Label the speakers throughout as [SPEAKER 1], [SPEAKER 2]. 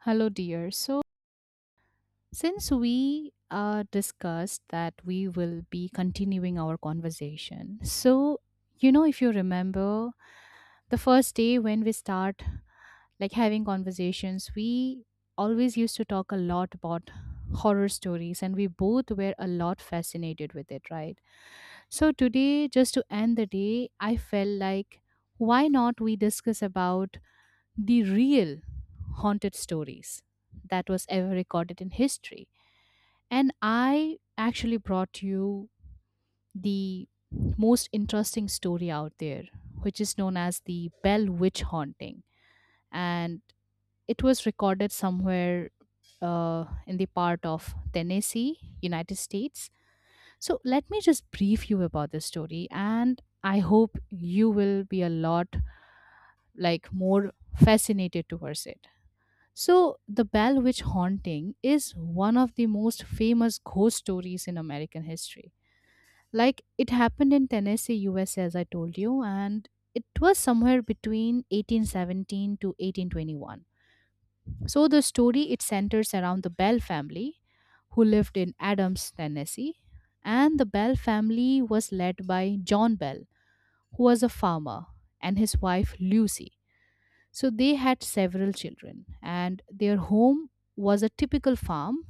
[SPEAKER 1] Hello, dear. So, Since we discussed that we will be continuing our conversation, so you know, if you remember the first day when we start like having conversations, we always used to talk a lot about horror stories, and we both were a lot fascinated with it, right? So, today, just to end the day, I felt like why not we discuss about the real haunted stories that was ever recorded in history. And I actually brought you the most interesting story out there, which is known as the Bell Witch Haunting. And it was recorded somewhere in the part of Tennessee, United States. So let me just brief you about this story, and I hope you will be a lot like more fascinated towards it. So, the Bell Witch Haunting is one of the most famous ghost stories in American history. Like, it happened in Tennessee, USA, as I told you, and it was somewhere between 1817 to 1821. So, the story it centers around the Bell family who lived in Adams, Tennessee. And the Bell family was led by John Bell, who was a farmer, and his wife Lucy. So they had several children, and their home was a typical farm,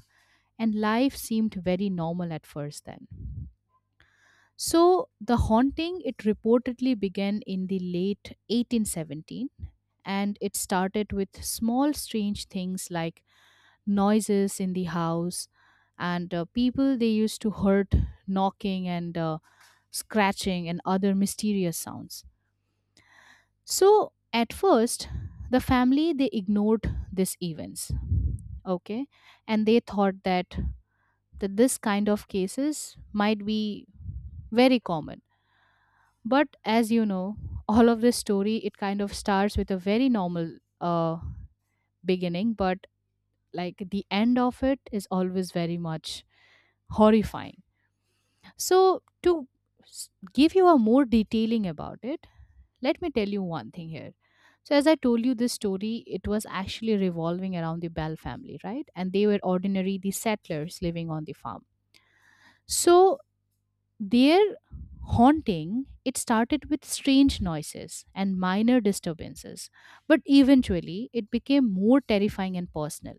[SPEAKER 1] and life seemed very normal at first then. So the haunting it reportedly began in the late 1817, and it started with small strange things like noises in the house, and people they used to heard knocking, and scratching and other mysterious sounds. So at first, the family they ignored these events, okay, and they thought that this kind of cases might be very common. But as you know, all of this story it kind of starts with a very normal beginning, but like the end of it is always very much horrifying. So to give you a more detailing about it, let me tell you one thing here. So, as I told you this story, it was actually revolving around the Bell family, right? And they were ordinary, the settlers living on the farm. So, their haunting, it started with strange noises and minor disturbances. But eventually, it became more terrifying and personal.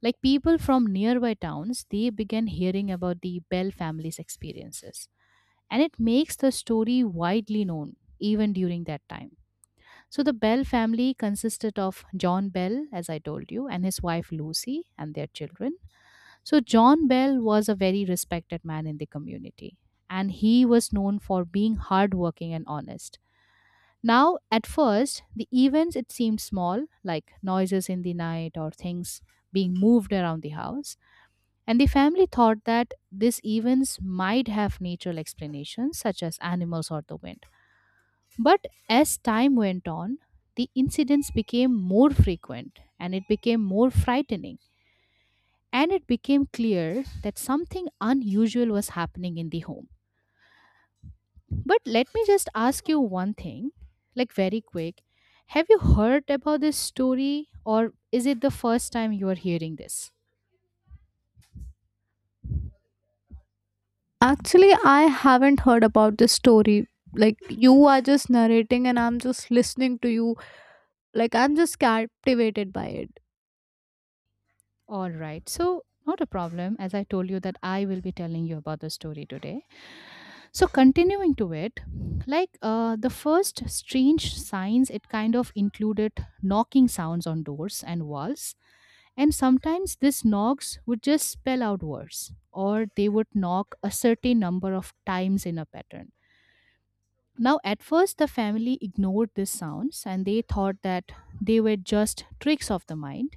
[SPEAKER 1] Like people from nearby towns, they began hearing about the Bell family's experiences. And it makes the story widely known even during that time. So the Bell family consisted of John Bell, as I told you, and his wife Lucy and their children. So John Bell was a very respected man in the community, and he was known for being hardworking and honest. Now, at first, the events it seemed small, like noises in the night or things being moved around the house, and the family thought that these events might have natural explanations, such as animals or the wind. But as time went on, the incidents became more frequent and it became more frightening. And it became clear that something unusual was happening in the home. But let me just ask you one thing, like very quick. Have you heard about this story, or is it the first time you are hearing this?
[SPEAKER 2] Actually, I haven't heard about this story. Like, you are just narrating, and I'm just listening to you. Like, I'm just captivated by it.
[SPEAKER 1] All right, so not a problem. As I told you, that I will be telling you about the story today. So continuing to it, like the first strange signs, it kind of included knocking sounds on doors and walls, and sometimes these knocks would just spell out words, or they would knock a certain number of times in a pattern. Now, at first, the family ignored these sounds and they thought that they were just tricks of the mind.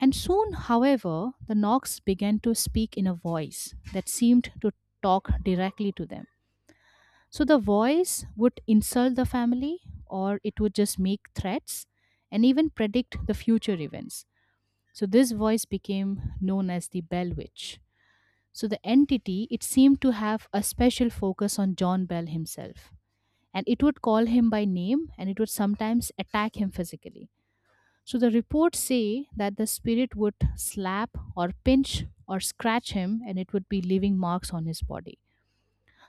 [SPEAKER 1] And soon, however, the knocks began to speak in a voice that seemed to talk directly to them. So the voice would insult the family or it would just make threats and even predict the future events. So this voice became known as the Bell Witch. So the entity, it seemed to have a special focus on John Bell himself. And it would call him by name and it would sometimes attack him physically. So the reports say that the spirit would slap or pinch or scratch him, and it would be leaving marks on his body.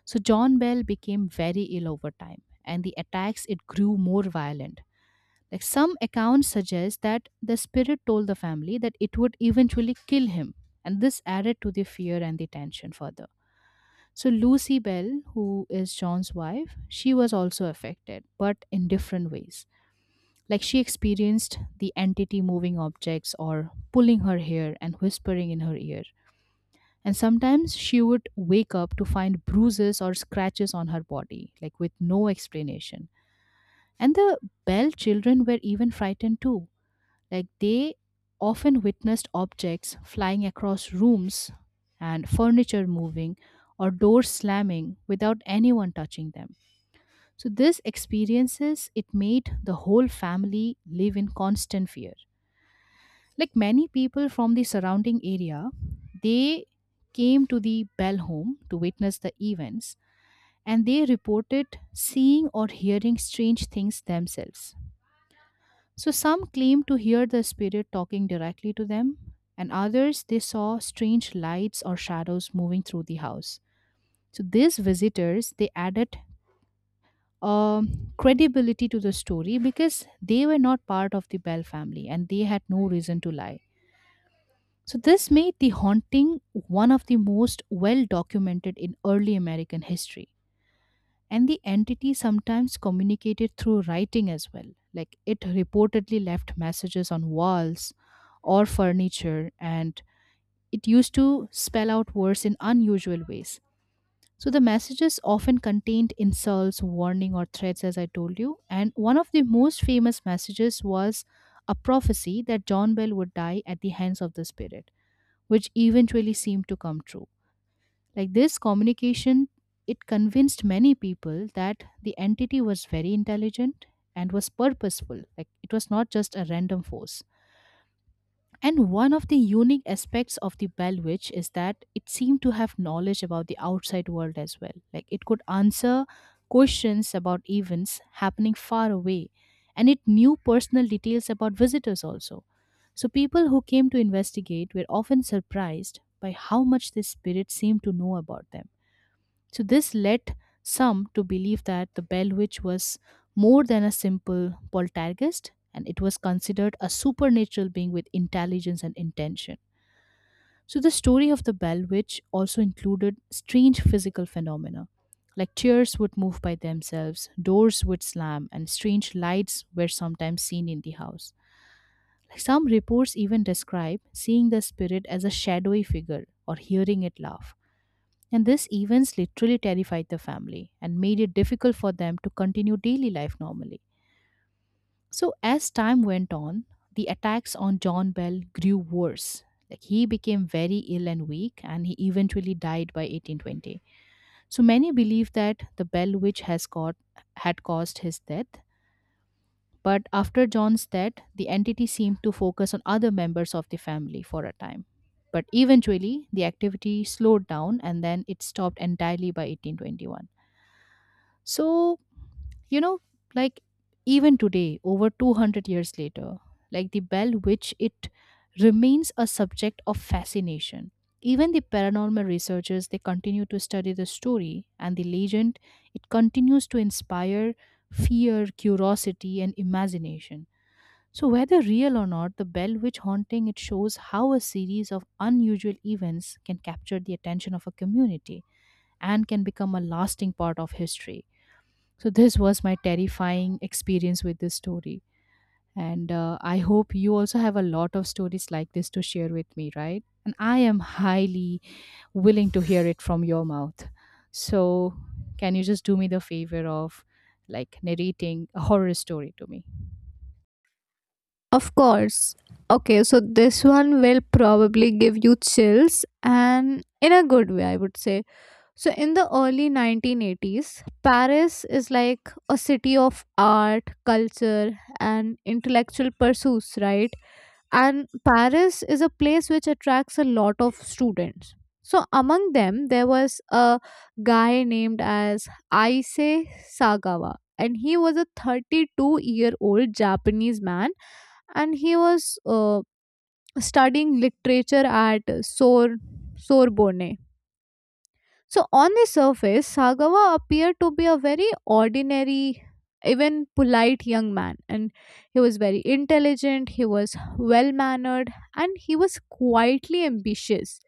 [SPEAKER 1] So John Bell became very ill over time, and the attacks it grew more violent. Like some accounts suggest that the spirit told the family that it would eventually kill him, and this added to the fear and the tension further. So Lucy Bell, who is John's wife, she was also affected, but in different ways. Like she experienced the entity moving objects or pulling her hair and whispering in her ear, and sometimes she would wake up to find bruises or scratches on her body, like with no explanation. And the Bell children were even frightened too. Like they often witnessed objects flying across rooms and furniture moving or doors slamming without anyone touching them. So this experiences it made the whole family live in constant fear. Like many people from the surrounding area, they came to the Bell home to witness the events, and they reported seeing or hearing strange things themselves. So some claimed to hear the spirit talking directly to them, and others they saw strange lights or shadows moving through the house. So these visitors they added credibility to the story because they were not part of the Bell family and they had no reason to lie. So, this made the haunting one of the most well documented in early American history. And the entity sometimes communicated through writing as well. Like it reportedly left messages on walls or furniture, and it used to spell out words in unusual ways. So, the messages often contained insults, warning, or threats, as I told you. And one of the most famous messages was a prophecy that John Bell would die at the hands of the spirit, which eventually seemed to come true. Like this communication, it convinced many people that the entity was very intelligent and was purposeful. Like it was not just a random force. And one of the unique aspects of the Bell Witch is that it seemed to have knowledge about the outside world as well. Like it could answer questions about events happening far away, and it knew personal details about visitors also. So people who came to investigate were often surprised by how much this spirit seemed to know about them. So, this led some to believe that the Bell Witch was more than a simple poltergeist, and it was considered a supernatural being with intelligence and intention. So, the story of the Bell Witch also included strange physical phenomena. Like chairs would move by themselves, doors would slam, and strange lights were sometimes seen in the house. Like some reports even describe seeing the spirit as a shadowy figure or hearing it laugh. And these events literally terrified the family and made it difficult for them to continue daily life normally. So, as time went on, the attacks on John Bell grew worse. Like he became very ill and weak, and he eventually died by 1820. So many believe that the Bell witch had caused his death. But after John's death, the entity seemed to focus on other members of the family for a time. But eventually, the activity slowed down and then it stopped entirely by 1821. So, you know, like even today, over 200 years later, like the Bell which it remains a subject of fascination. Even the paranormal researchers they continue to study the story, and the legend it continues to inspire fear, curiosity and imagination. So whether real or not, the Bell witch haunting it shows how a series of unusual events can capture the attention of a community and can become a lasting part of history. So, this was my terrifying experience with this story. And I hope you also have a lot of stories like this to share with me, right? And I am highly willing to hear it from your mouth. So, can you just do me the favor of like narrating a horror story to me?
[SPEAKER 2] Of course. Okay, so this one will probably give you chills, and in a good way, I would say. So, in the early 1980s, Paris is like a city of art, culture, and intellectual pursuits, right? And Paris is a place which attracts a lot of students. So among them there was a guy named as Aise Sagawa, and he was a 32-year-old year old Japanese man. And he was studying literature at Sorbonne. So, on the surface, Sagawa appeared to be a very ordinary, even polite young man, and he was very intelligent, he was well mannered, and he was quietly ambitious.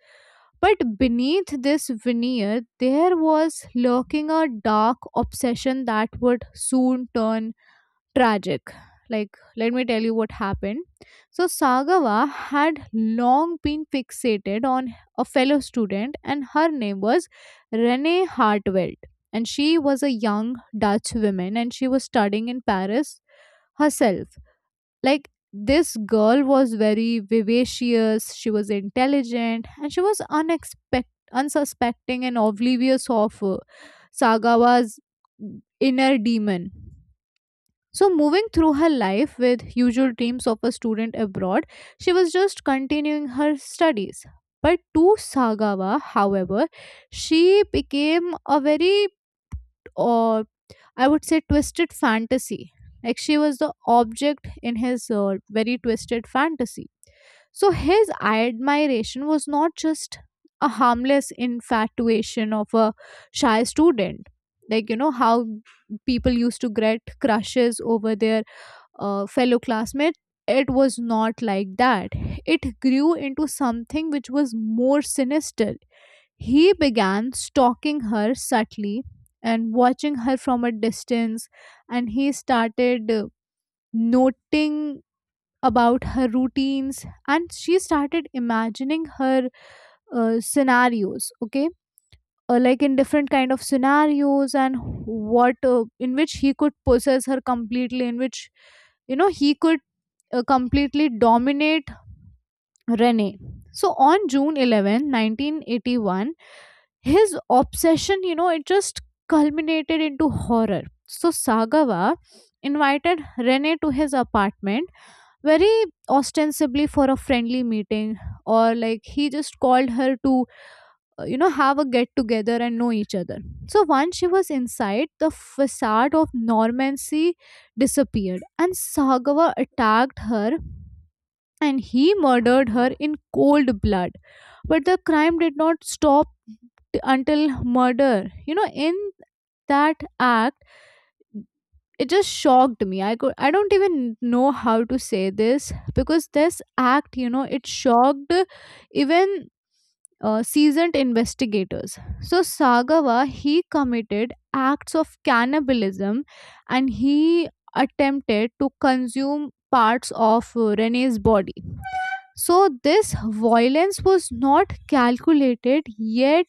[SPEAKER 2] But beneath this veneer, there was lurking a dark obsession that would soon turn tragic. Like, let me tell you what happened. So, Sagawa had long been fixated on a fellow student, and her name was Renee Hartwelt. And she was a young Dutch woman, and she was studying in Paris herself. Like, this girl was very vivacious, she was intelligent, and she was unexpected. Unsuspecting and oblivious of Sagawa's inner demon. So, moving through her life with usual dreams of a student abroad, she was just continuing her studies. But to Sagawa, however, she became a very, uh, I would say, twisted fantasy. Like she was the object in his very twisted fantasy. So, his admiration was not just a harmless infatuation of a shy student. Like, you know, how people used to get crushes over their fellow classmate, it was not like that. It grew into something which was more sinister. He began stalking her subtly and watching her from a distance, and he started noting about her routines, and she started imagining her scenarios, okay, like in different kind of scenarios, and what in which he could possess her completely, in which you know he could completely dominate Rene. So on June 11th, 1981, his obsession, you know, it just culminated into horror. So Sagawa invited Rene to his apartment, very ostensibly for a friendly meeting, or like he just called her to, you know, have a get together and know each other. So once she was inside, the facade of Normancy disappeared, and Sagawa attacked her and he murdered her in cold blood. But the crime did not stop until murder. You know, in that act, it just shocked me. I don't even know how to say this, because this act, you know, it shocked even seasoned investigators. So Sagawa, he committed acts of cannibalism, and he attempted to consume parts of Rene's body. So, this violence was not calculated, yet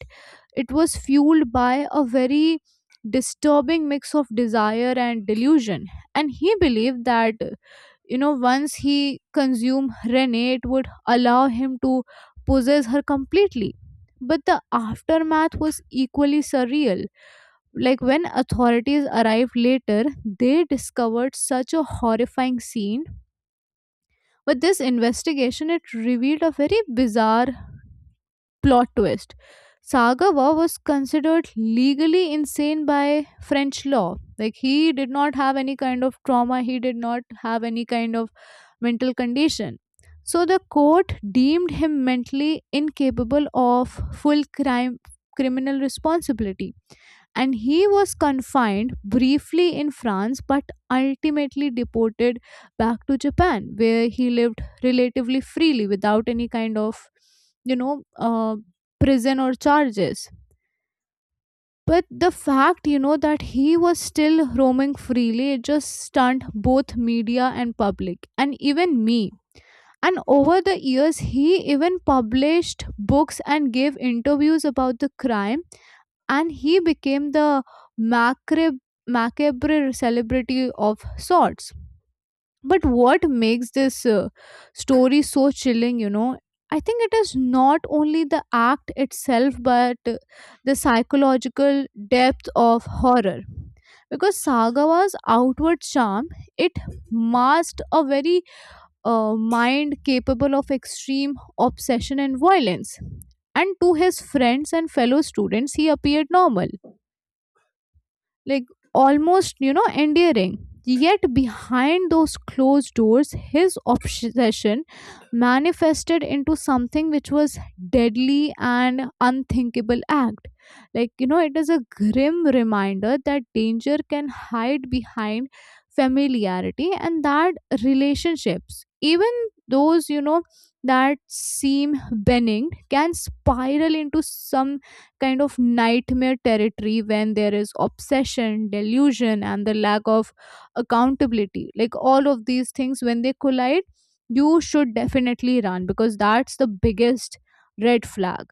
[SPEAKER 2] it was fueled by a very disturbing mix of desire and delusion. And he believed that, you know, once he consumed Renee, it would allow him to possess her completely. But the aftermath was equally surreal. Like when authorities arrived later, they discovered such a horrifying scene. But this investigation, it revealed a very bizarre plot twist. Sagawa was considered legally insane by French law. Like he did not have any kind of trauma, he did not have any kind of mental condition. So the court deemed him mentally incapable of full crime criminal responsibility, and he was confined briefly in France, but ultimately deported back to Japan, where he lived relatively freely without any kind of, you know, prison or charges. But the fact, you know, that he was still roaming freely, it just stunned both media and public, and even me. And over the years, he even published books and gave interviews about the crime, and he became the macabre, macabre celebrity of sorts. But what makes this story so chilling, you know? I think it is not only the act itself, but the psychological depth of horror. Because Sagawa's outward charm, it masked a very mind capable of extreme obsession and violence. And to his friends and fellow students, he appeared normal, like almost, you know, endearing, yet behind those closed doors, his obsession manifested into something which was deadly and unthinkable act. Like, you know, it is a grim reminder that danger can hide behind familiarity, and that relationships, even those, you know, that seem benign, can spiral into some kind of nightmare territory when there is obsession, delusion, and the lack of accountability. Like all of these things, when they collide, you should definitely run, because that's the biggest red flag.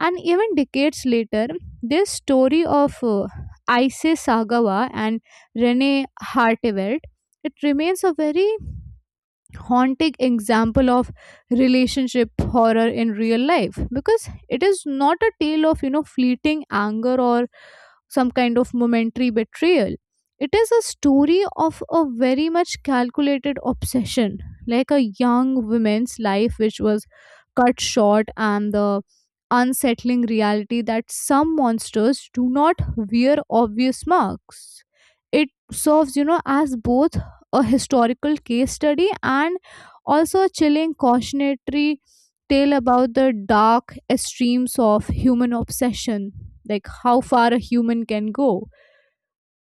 [SPEAKER 2] And even decades later, this story of Isis Sagawa and Rene Hartevelt, it remains a very haunting example of relationship horror in real life, because it is not a tale of, you know, fleeting anger or some kind of momentary betrayal. It is a story of a very much calculated obsession, like a young woman's life which was cut short, and the unsettling reality that some monsters do not wear obvious marks. It serves, you know, as both a historical case study and also a chilling cautionary tale about the dark extremes of human obsession, like how far a human can go.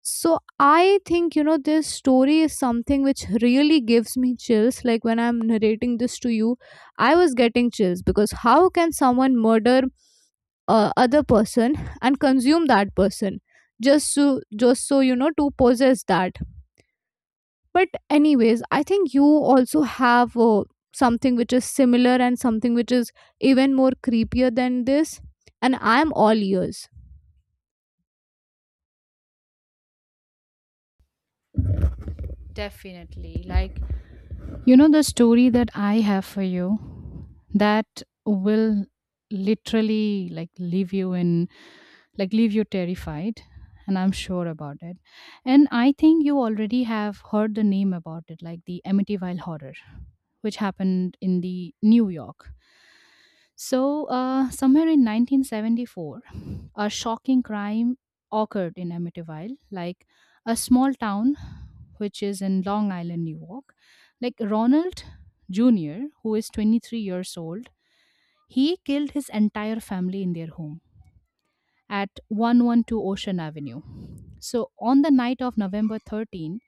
[SPEAKER 2] So I think, you know, this story is something which really gives me chills. Like when I'm narrating this to you, I was getting chills, because how can someone murder other person and consume that person just so, you know, to possess that? But, anyways, I think you also have something which is similar and something which is even more creepier than this. And I'm all ears.
[SPEAKER 1] Definitely. Like, you know, the story that I have for you that will literally like leave you in, like, leave you terrified. And I'm sure about it. And I think you already have heard the name about it, like the Amityville Horror, which happened in the New York. So, somewhere in 1974, a shocking crime occurred in Amityville, like a small town which is in Long Island, New York, like Ronald Jr., who is 23 years old, he killed his entire family in their home at 112 Ocean Avenue. So, on the night of November 13,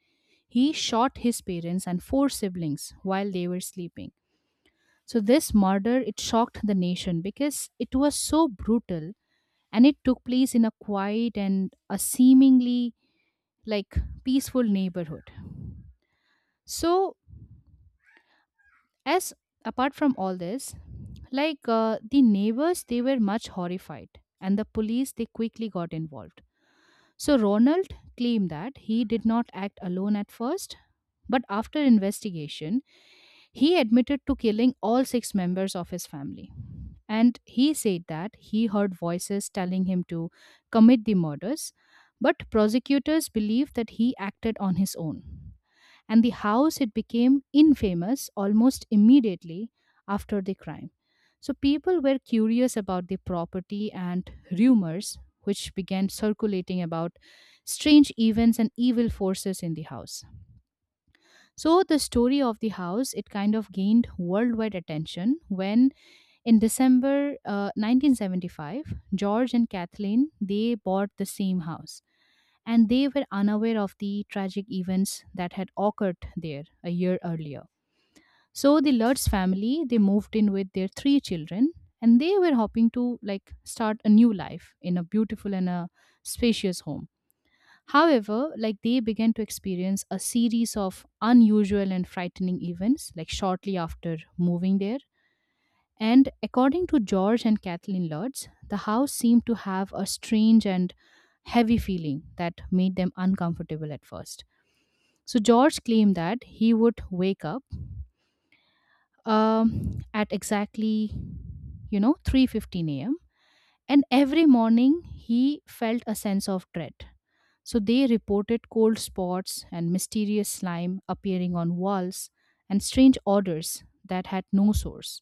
[SPEAKER 1] he shot his parents and 4 siblings while they were sleeping. So this murder it shocked the nation because it was so brutal and it took place in a quiet and a seemingly like peaceful neighborhood. So As apart from all this, the neighbors, they were much horrified, and the police they quickly got involved. So Ronald claimed that he did not act alone at first, but after investigation, he admitted to killing all 6 members of his family. And he said that he heard voices telling him to commit the murders, but prosecutors believe that he acted on his own, and the house it became infamous almost immediately after the crime. So people were curious about the property, and rumors which began circulating about strange events and evil forces in the house. So the story of the house it kind of gained worldwide attention when in December 1975 George and Kathleen they bought the same house, and they were unaware of the tragic events that had occurred there a year earlier. So the Lutz family they moved in with their 3 children, and they were hoping to like start a new life in a beautiful and a spacious home. However, like they began to experience a series of unusual and frightening events like shortly after moving there, and according to George and Kathleen Lodz, the house seemed to have a strange and heavy feeling that made them uncomfortable at first. So George claimed that he would wake up at exactly, you know, 3:15 a.m. and every morning, he felt a sense of dread. So they reported cold spots and mysterious slime appearing on walls and strange odors that had no source.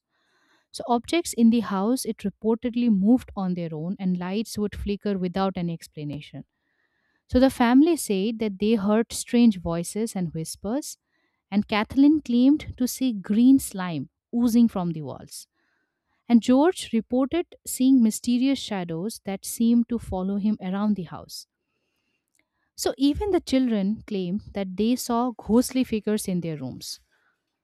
[SPEAKER 1] So, objects in the house, it reportedly moved on their own, and lights would flicker without any explanation. So, the family said that they heard strange voices and whispers, and Kathleen claimed to see green slime oozing from the walls. And George reported seeing mysterious shadows that seemed to follow him around the house. So, even the children claimed that they saw ghostly figures in their rooms.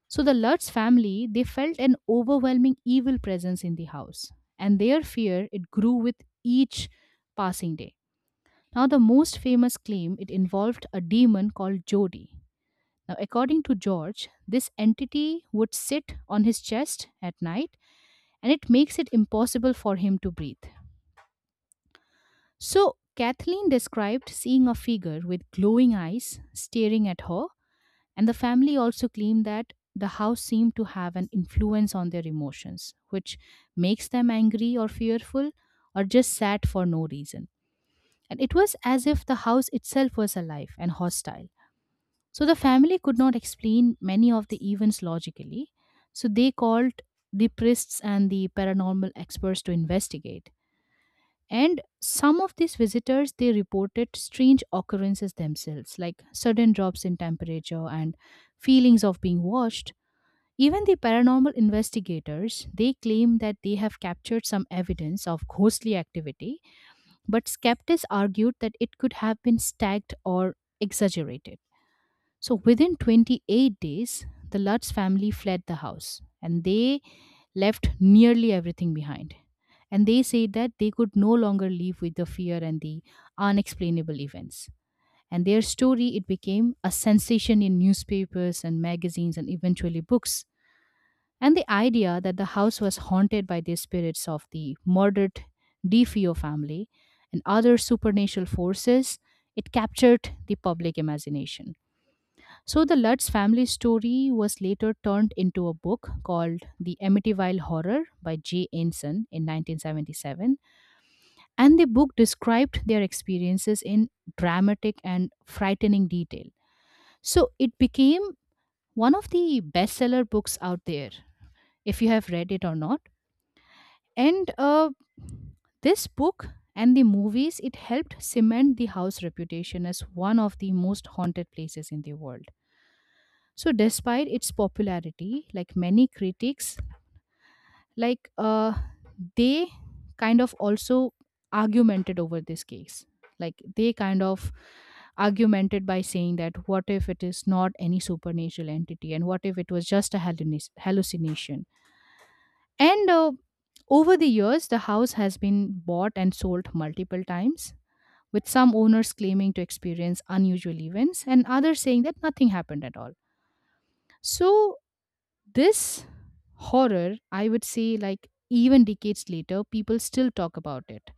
[SPEAKER 1] So the Lutz family, they felt an overwhelming evil presence in the house, and their fear it grew with each passing day. Now the most famous claim it involved a demon called Jody. Now according to George, this entity would sit on his chest at night and it makes it impossible for him to breathe. So Kathleen described seeing a figure with glowing eyes staring at her. And the family also claimed that the house seemed to have an influence on their emotions, which makes them angry or fearful or just sad for no reason. And it was as if the house itself was alive and hostile. So the family could not explain many of the events logically. So they called the priests and the paranormal experts to investigate. And some of these visitors they reported strange occurrences themselves, like sudden drops in temperature and feelings of being watched. Even the paranormal investigators they claim that they have captured some evidence of ghostly activity, but skeptics argued that it could have been staged or exaggerated. So within 28 days, the Lutz family fled the house and they left nearly everything behind. And they say that they could no longer live with the fear and the unexplainable events. And their story it became a sensation in newspapers and magazines and eventually books. And the idea that the house was haunted by the spirits of the murdered DeFeo family and other supernatural forces, it captured the public imagination. So the Lutz family story was later turned into a book called The Amityville Horror by Jay Ensign in 1977, and the book described their experiences in dramatic and frightening detail. So it became one of the bestseller books out there, if you have read it or not. And This book and the movies it helped cement the house reputation as one of the most haunted places in the world. So despite its popularity, like many critics, like uh, they kind of also argumented over this case. Like they kind of argumented by saying that what if it is not any supernatural entity, and what if it was just a hallucination. And Over the years, the house has been bought and sold multiple times, with some owners claiming to experience unusual events and others saying that nothing happened at all. So this horror, I would say, like even decades later, people still talk about it.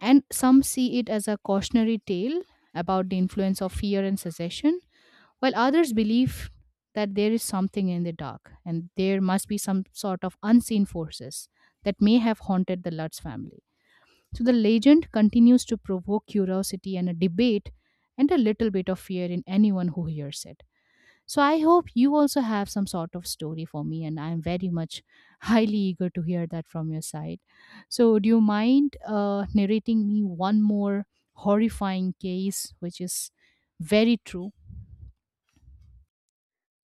[SPEAKER 1] And some see it as a cautionary tale about the influence of fear and secession, while others believe that there is something in the dark and there must be some sort of unseen forces that may have haunted the Lutz family. So the legend continues to provoke curiosity and a debate and a little bit of fear in anyone who hears it. So I hope you also have some sort of story for me, and I'm very much highly eager to hear that from your side. So, do you mind narrating me one more horrifying case, which is very true?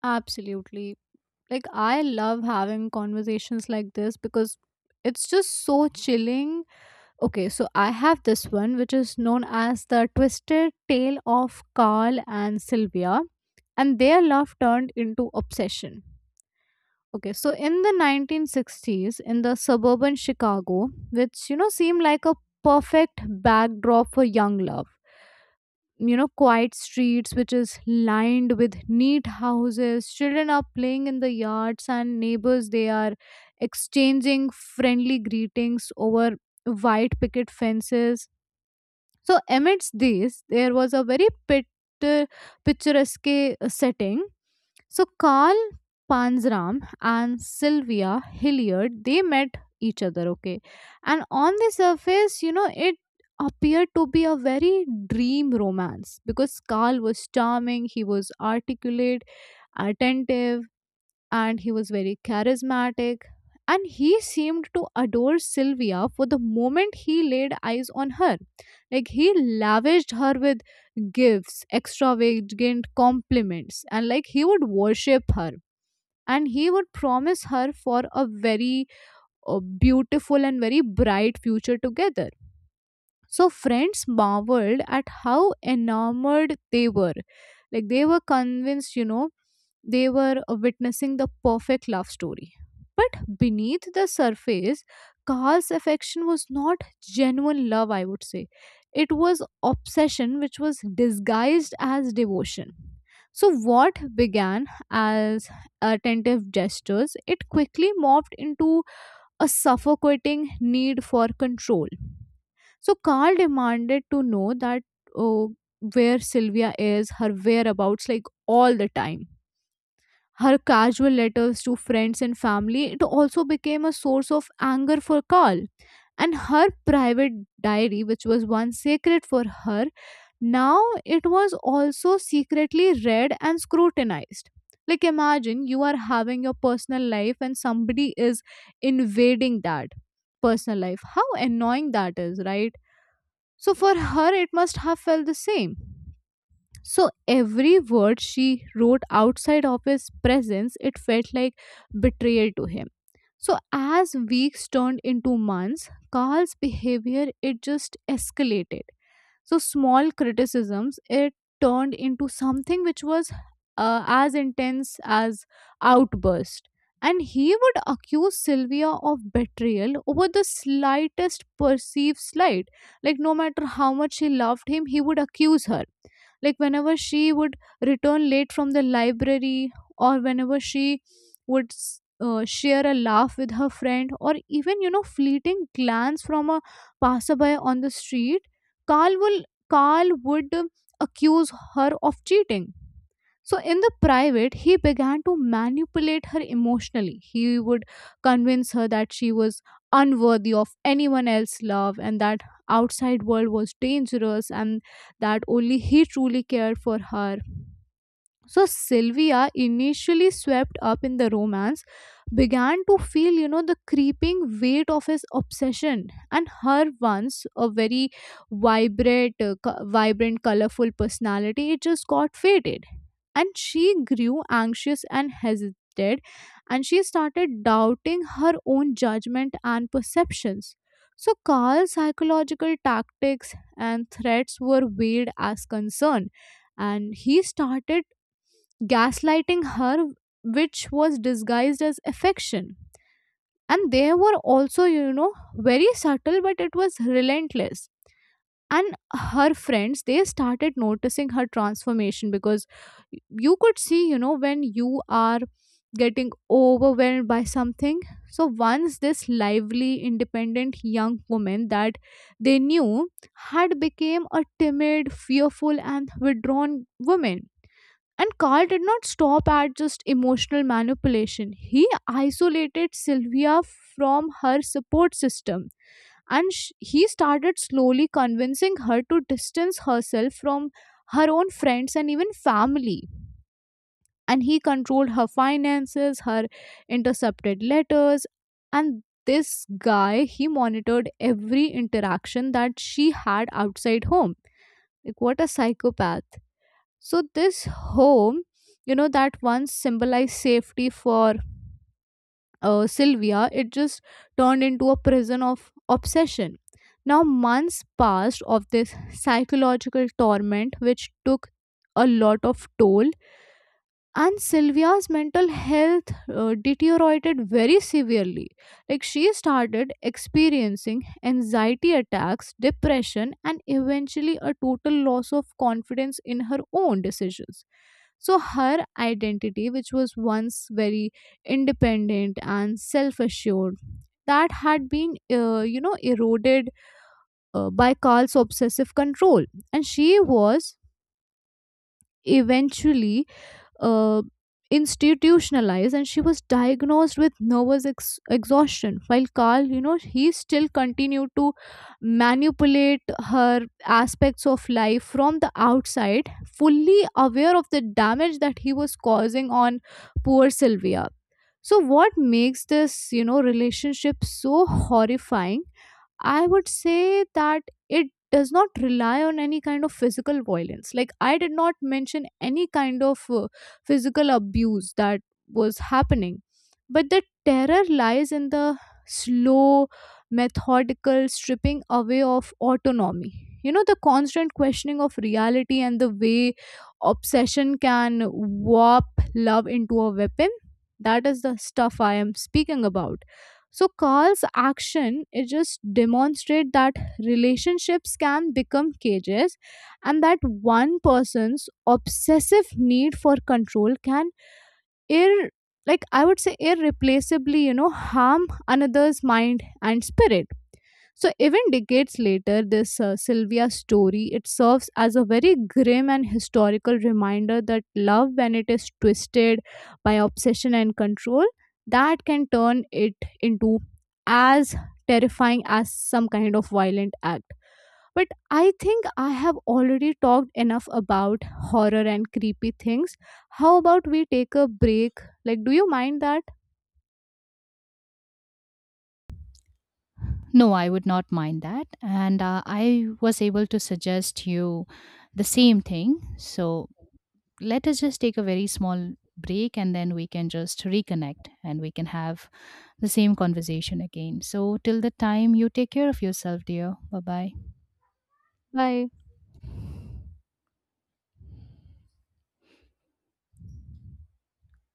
[SPEAKER 2] Absolutely. Like, I love having conversations like this because it's just so chilling. Okay, so I have this one which is known as the twisted tale of Carl and Sylvia, and their love turned into obsession. Okay, so in the 1960s, in the suburban Chicago, which you know seemed like a perfect backdrop for young love, you know, quiet streets which is lined with neat houses, children are playing in the yards, and neighbors they are exchanging friendly greetings over white picket fences. So amidst these, there was a very picturesque setting. So Carl Panzram and Sylvia Hilliard, they met each other, okay, and on the surface, you know, it appeared to be a very dream romance, because Carl was charming, he was articulate, attentive, and he was very charismatic. And he seemed to adore Sylvia for the moment he laid eyes on her. Like he lavished her with gifts, extravagant compliments, and like he would worship her. And he would promise her for a very beautiful and very bright future together. So friends marveled at how enamored they were. Like they were convinced, you know, they were witnessing the perfect love story. But beneath the surface, Carl's affection was not genuine love, I would say. It was obsession which was disguised as devotion. So, what began as attentive gestures, it quickly morphed into a suffocating need for control. So Carl demanded to know that, oh, where Sylvia is, her whereabouts, like all the time. Her casual letters to friends and family, it also became a source of anger for Carl. And her private diary, which was once sacred for her, now it was also secretly read and scrutinized. Like, imagine you are having your personal life and somebody is invading that personal life. How annoying that is, right? So, for her, it must have felt the same. So every word she wrote outside of his presence, it felt like betrayal to him. So as weeks turned into months, Carl's behavior it just escalated. So small criticisms, it turned into something which was, as intense as outburst, and he would accuse Sylvia of betrayal over the slightest perceived slight. Like no matter how much she loved him, he would accuse her. Like whenever she would return late from the library, or whenever she would share a laugh with her friend, or even, you know, fleeting glance from a passerby on the street, Carl will Carl would accuse her of cheating. So, in the private, he began to manipulate her emotionally. He would convince her that she was unworthy of anyone else's love, and that outside world was dangerous, and that only he truly cared for her. So Sylvia, initially swept up in the romance, began to feel, you know, the creeping weight of his obsession. And her once a very vibrant, colorful personality, it just got faded. And she grew anxious and hesitated, and she started doubting her own judgment and perceptions. So Carl's psychological tactics and threats were veiled as concern, and he started gaslighting her, which was disguised as affection. And they were also, you know, very subtle, but it was relentless. And her friends, they started noticing her transformation, because you could see, you know, when you are getting overwhelmed by something. So once this lively, independent young woman that they knew had became a timid, fearful, and withdrawn woman, and Carl did not stop at just emotional manipulation. He isolated Sylvia from her support system, and he started slowly convincing her to distance herself from her own friends and even family. And he controlled her finances, her intercepted letters, and this guy, he monitored every interaction that she had outside home. Like, what a psychopath! So this home, you know, that once symbolized safety for Sylvia, it just turned into a prison of obsession. Now months passed of this psychological torment, which took a lot of toll, and Sylvia's mental health deteriorated very severely. Like she started experiencing anxiety attacks, depression, and eventually a total loss of confidence in her own decisions. So her identity, which was once very independent and self assured, that had been, you know, eroded by Carl's obsessive control. And she was eventually uh, institutionalized, and she was diagnosed with nervous exhaustion, while Carl, you know, he still continued to manipulate her aspects of life from the outside, fully aware of the damage that he was causing on poor Sylvia. So what makes this, you know, relationship so horrifying, I would say that it does not rely on any kind of physical violence. Like, I did not mention any kind of physical abuse that was happening. But the terror lies in the slow, methodical stripping away of autonomy. You know, the constant questioning of reality, and the way obsession can warp love into a weapon. That is the stuff I am speaking about. So Carl's action, it just demonstrate that relationships can become cages, and that one person's obsessive need for control can ir like, I would say, irreplaceably, you know, harm another's mind and spirit. So even decades later, this Sylvia story, it serves as a very grim and historical reminder that love, when it is twisted by obsession and control, that can turn it into as terrifying as some kind of violent act. But I think I have already talked enough about horror and creepy things. How about we take a break? Like, do you mind that?
[SPEAKER 1] No, I would not mind that. And I was able to suggest you the same thing. So let us just take a very small break and then we can just reconnect and we can have the same conversation again. So, till the time, you take care of yourself, dear. Bye bye.
[SPEAKER 2] Bye.